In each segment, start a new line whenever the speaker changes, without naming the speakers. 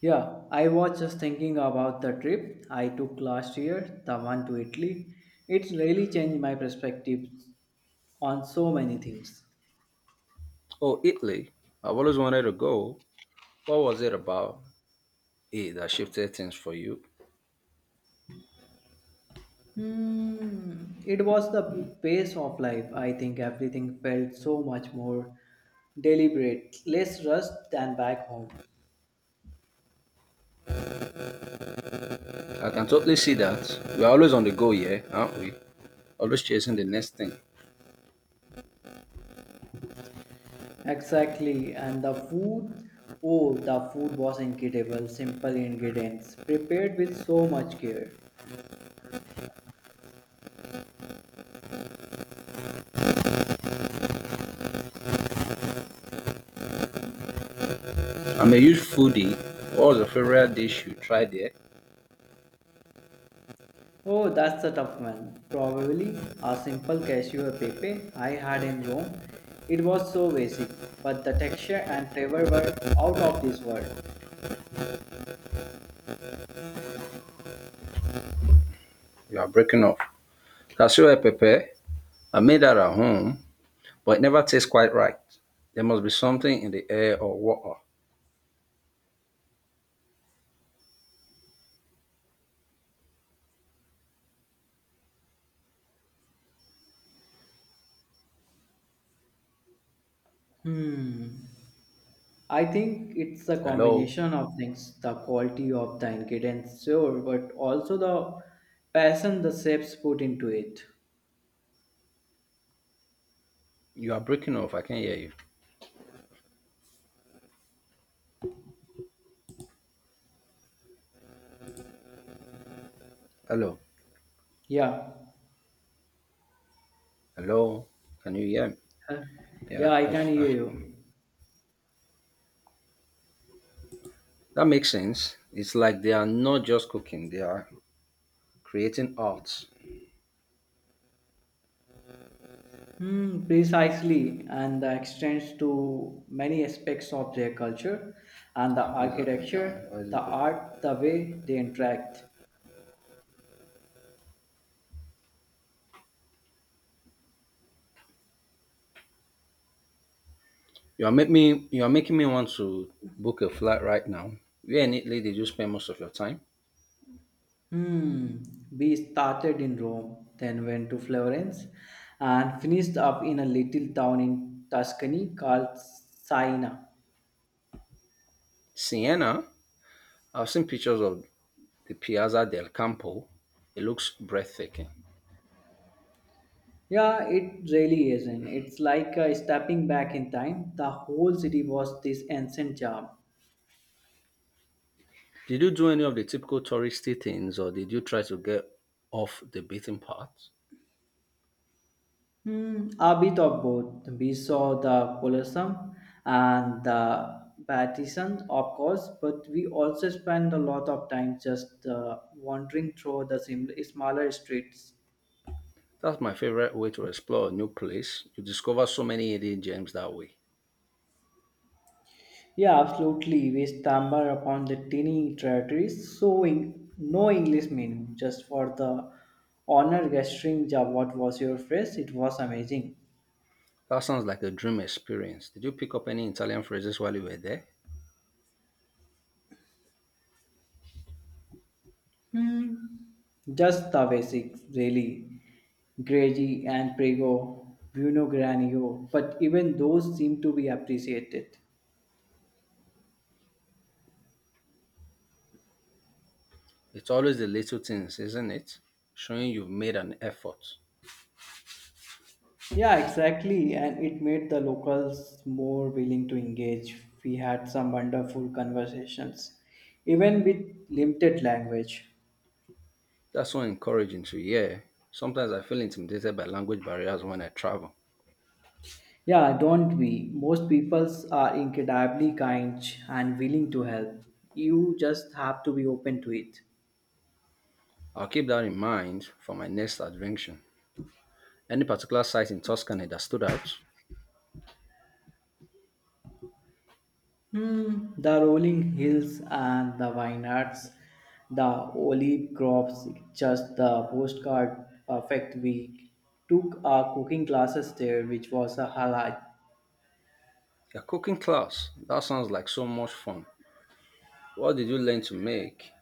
Yeah, I was just thinking about the trip I took last year, the one to Italy. It's really changed my perspective on so many things.
Oh, Italy. I've always wanted to go. What was it about it that shifted things for you?
Hmm. It was the pace of life. I think everything felt so much more deliberate, less rushed than back home.
I can totally see that. We're always on the go, yeah, aren't we? Always chasing the next thing.
Exactly, and the food oh, the food was incredible, simple ingredients, prepared with so much care.
I'm a huge foodie. What was your favorite dish you tried there?
Oh, that's a tough one. Probably a simple cashew pepe I had in Rome. It was so basic, but the texture and flavor were out of this world.
You are breaking off. Cassio e pepe. I made that at home, but it never tastes quite right. There must be something in the air or water.
Hmm. I think it's a
Hello?
combination of things the quality of the ingredients, sure, but also the passion the chefs put into it.
You are breaking off. I can't hear you. Hello?
Yeah.
Hello? Can you hear me?
Huh? Yeah,
Yeah,
I
I,
can hear
I
you.
That makes sense. It's like they are not just cooking; they are creating art.
Hmm, precisely, and that extends to many aspects of their culture and the
What does that mean now?
architecture,
What
the
is it?
art, the way they interact.
You are make me. You are making me want to book a flight right now. Where in Italy did you spend most of your time?
Hmm, we started in Rome, then went to Florence, and finished up in a little town in Tuscany called Siena.
Siena. I've seen pictures of the Piazza del Campo. It looks breathtaking.
Yeah, it really isn't. It's like stepping back in time. The whole city was this ancient charm.
Did you do any of the typical touristy things, or did you try to get off the beaten path?
Hmm, a bit of both. We saw the Colosseum and the Vatican, of course, but we also spent a lot of time just wandering through the smaller streets.
That's my favorite way to explore a new place. You discover so many hidden gems that way.
Yeah, absolutely. We stumbled upon the tiny territories, showing no English menu, just for the honor gesturing. Ja, what was your phrase? It was amazing.
That sounds like a dream experience. Did you pick up any Italian phrases while you were there?
Hmm, just the basics, really. Greggy and Prego, Bruno Granio, but even those seem to be appreciated.
It's always the little things, isn't it? Showing you've made an effort.
Yeah, exactly, and it made the locals more willing to engage. We had some wonderful conversations, even with limited language.
That's so encouraging to hear. Sometimes I feel intimidated by language barriers when I travel.
Yeah, don't we? Most peoples are incredibly kind and willing to help. You just have to be open to it.
I'll keep that in mind for my next adventure. Any particular site in Tuscany that stood out?
Hmm, the rolling hills and the vineyards, the olive crops, just the postcard perfect. We took our cooking classes there, which was a highlight.
Your cooking class. That sounds like so much fun. What did you learn to make?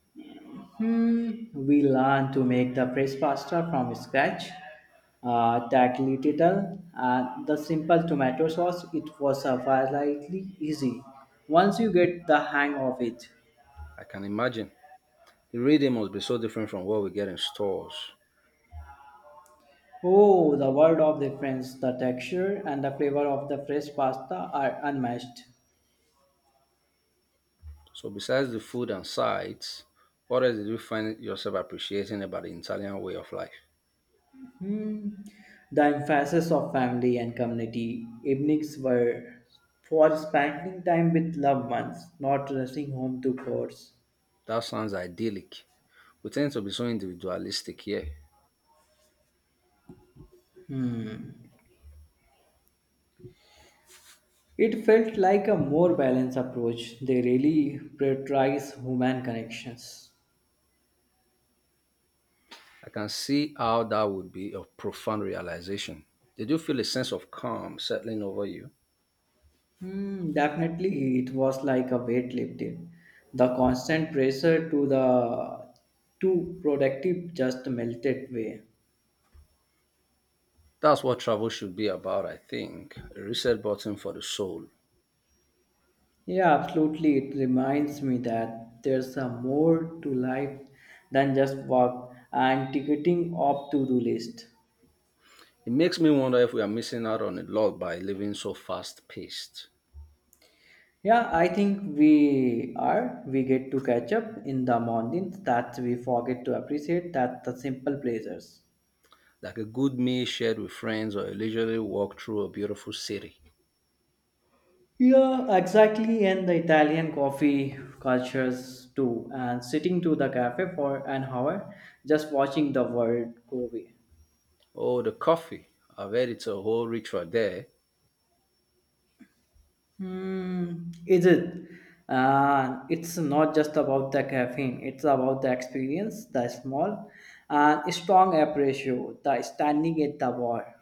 Hmm, we learned to make the fresh pasta from scratch, that little, and the simple tomato sauce. It was a fairly easy once you get the hang of it.
I can imagine. The reading must be so different from what we get in stores.
Oh, the world of difference. The texture and the flavor of the fresh pasta are unmatched.
So besides the food and sights, what else did you find yourself appreciating about the Italian way of life?
Hmm. The emphasis of family and community evenings were for spending time with loved ones, not rushing home to course.
That sounds idyllic. We tend to be so individualistic here.
It felt like a more balanced approach. They really prioritize human connections.
I can see how that would be a profound realization. Did you feel a sense of calm settling over you?
Hmm, definitely, it was like a weight lifted. The constant pressure to the too productive just melted away.
That's what travel should be about, I think. A reset button for the soul.
Yeah, absolutely. It reminds me that there's a more to life than just work and ticketing off to-do list.
It makes me wonder if we are missing out on a lot by living so fast paced.
Yeah, I think we are. We get to catch up in the mornings that we forget to appreciate that the simple pleasures.
Like a good meal shared with friends or a leisurely walk through a beautiful city.
Yeah, exactly. And the Italian coffee cultures too. And sitting to the cafe for an hour, just watching the world go away.
Oh, the coffee. I've heard it's a whole ritual there.
Hmm, is it? It's not just about the caffeine. It's about the experience, the small and strong appreciation, the standing at the bar.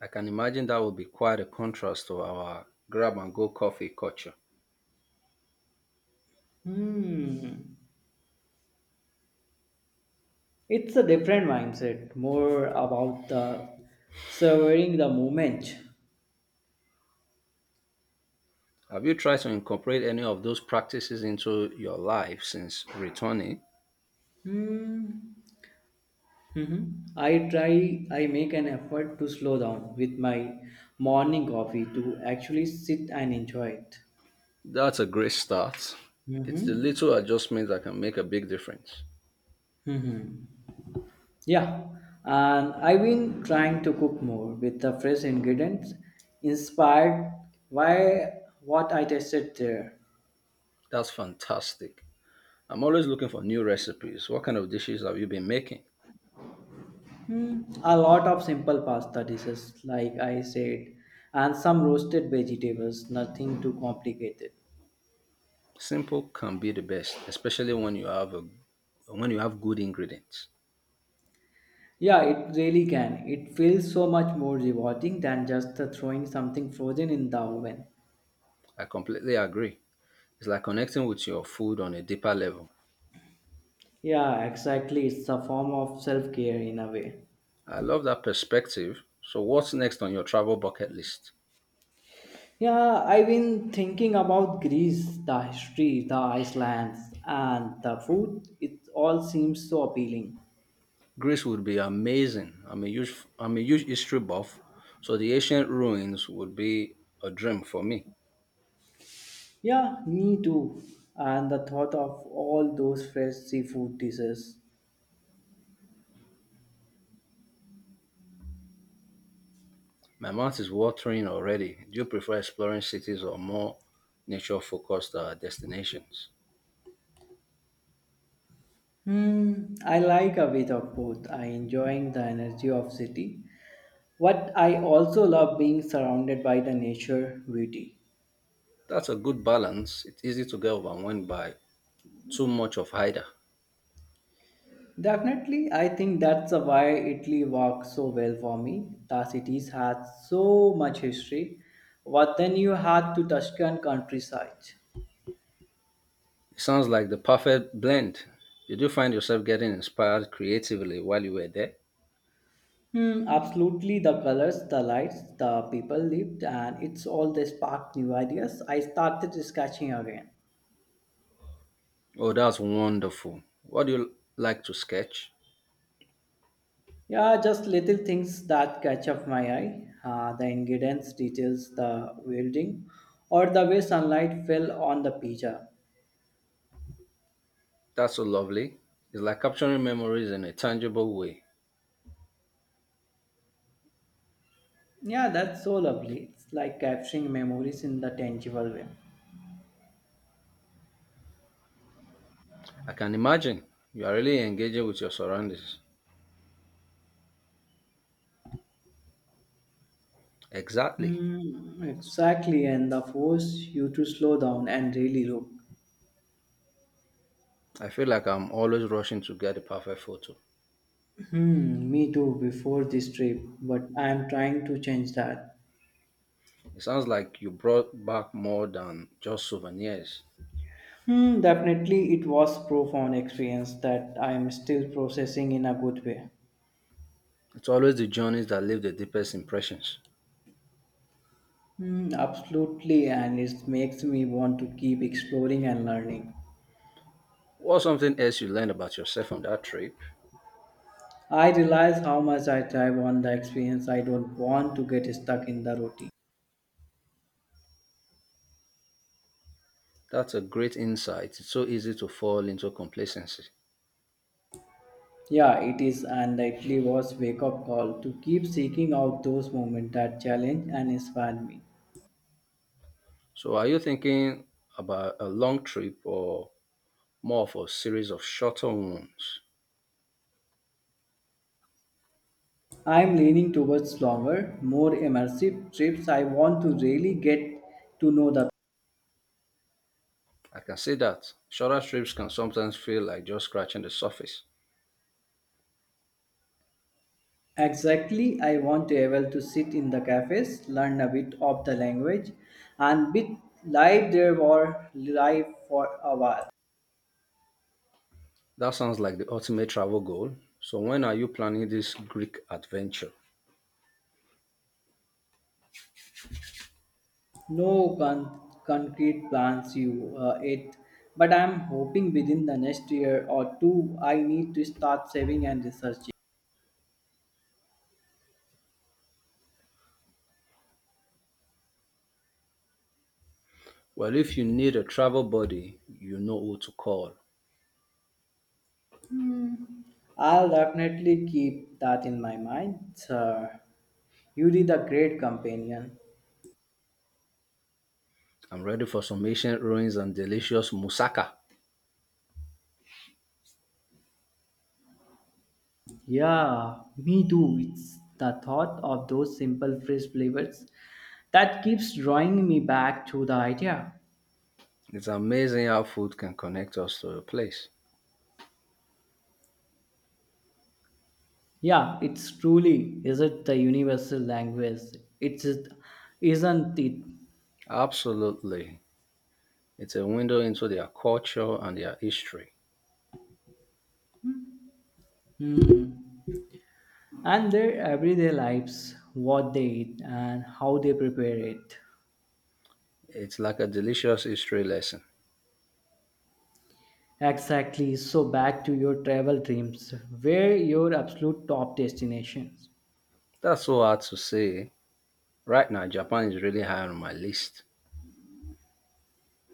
I can imagine that would be quite a contrast to our grab and go coffee culture.
Hmm, it's a different mindset. More about the savoring the moment.
Have you tried to incorporate any of those practices into your life since returning?
Hmm. Mhm. I make an effort to slow down with my morning coffee to actually sit and enjoy it.
That's a great start. It's the
Mm-hmm.
little adjustments that can make a big difference.
Mm-hmm. Yeah, and I've been trying to cook more with the fresh ingredients inspired by what I tasted there.
That's fantastic. I'm always looking for new recipes. What kind of dishes have you been making?
Hmm, a lot of simple pasta dishes, like I said, and some roasted vegetables, nothing too complicated.
Simple can be the best, especially when you have a when you have good ingredients.
Yeah, it really can. It feels so much more rewarding than just the throwing something frozen in the oven.
I completely agree. It's like connecting with your food on a deeper level.
Yeah, exactly. It's a form of self care in a way.
I love that perspective. So what's next on your travel bucket list?
Yeah, I've been thinking about Greece, the history, the Icelands, and the food. It all seems so appealing.
Greece would be amazing. I'm a huge history buff, so the ancient ruins would be a dream for me.
Yeah, me too. And the thought of all those fresh seafood dishes.
My mouth is watering already. Do you prefer exploring cities or more nature focused destinations?
Hmm, I like a bit of both. I enjoying the energy of city, but I also love being surrounded by the nature beauty.
That's a good balance. It's easy to get overwhelmed by too much of either.
Definitely, I think that's why Italy works so well for me. The cities had so much history, but then you had to Tuscan countryside.
It sounds like the perfect blend. Did you find yourself getting inspired creatively while you were there?
Hmm, absolutely. The colors, the lights, the people lived, and it's all the sparked new ideas. I started sketching again.
Oh, that's wonderful. What do you like to sketch?
Yeah, just little things that catch up my eye. The ingredients, details, the welding, or the way sunlight fell on the pizza.
That's so lovely. It's like capturing memories in a tangible way.
Yeah, that's so lovely. It's like capturing memories in the tangible way.
I can imagine you are really engaging with your surroundings. Exactly.
Hmm, exactly, and the force you to slow down and really look.
I feel like I'm always rushing to get the perfect photo.
Hmm, me too before this trip, but I'm trying to change that.
It sounds like you brought back more than just souvenirs.
Hmm, definitely it was profound experience that I'm still processing in a good way.
It's always the journeys that leave the deepest impressions.
Hmm, absolutely, and it makes me want to keep exploring and learning.
What's something else you learned about yourself on that trip?
I realize how much I thrive on the experience. I don't want to get stuck in the routine.
That's a great insight. It's so easy to fall into complacency.
Yeah, it is, and it really was wake up call to keep seeking out those moments that challenge and inspire me.
So are you thinking about a long trip or more of a series of shorter ones?
I am leaning towards longer, more immersive trips. I want to really get to know the.
I can see that. Shorter trips can sometimes feel like just scratching the surface.
Exactly, I want to able to sit in the cafes, learn a bit of the language, and be live there or live for a while.
That sounds like the ultimate travel goal. So when are you planning this Greek adventure?
No con- Concrete plans you it, but I'm hoping within the next year or two, I need to start saving and researching.
Well, if you need a travel buddy, you know who to call.
Hmm. I'll definitely keep that in my mind, sir. You did a great companion.
I'm ready for some ancient ruins and delicious moussaka.
Yeah, me too. It's the thought of those simple fresh flavors that keeps drawing me back to the idea.
It's amazing how food can connect us to a place.
Yeah, it's truly is it the universal language? It's it, isn't it?
Absolutely. It's a window into their culture and their history.
Hmm. And their everyday lives, what they eat and how they prepare it.
It's like a delicious history lesson.
Exactly. So back to your travel dreams. Where your absolute top destinations?
That's so hard to say. Right now, Japan is really high on my list.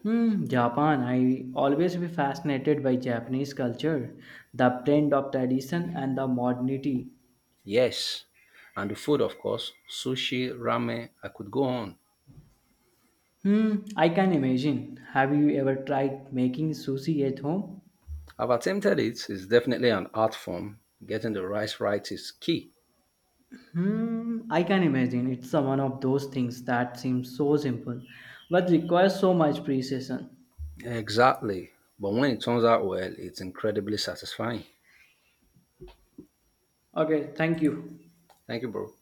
Hmm, Japan. I always be fascinated by Japanese culture, the blend of tradition and the modernity.
Yes. And the food, of course, sushi, ramen, I could go on.
Hmm, I can imagine. Have you ever tried making sushi at home?
I've attempted it. It's definitely an art form. Getting the rice right is key.
Hmm, I can imagine. It's a one of those things that seems so simple, but requires so much precision.
Exactly. But when it turns out well, it's incredibly satisfying.
Okay, thank you.
Thank you, bro.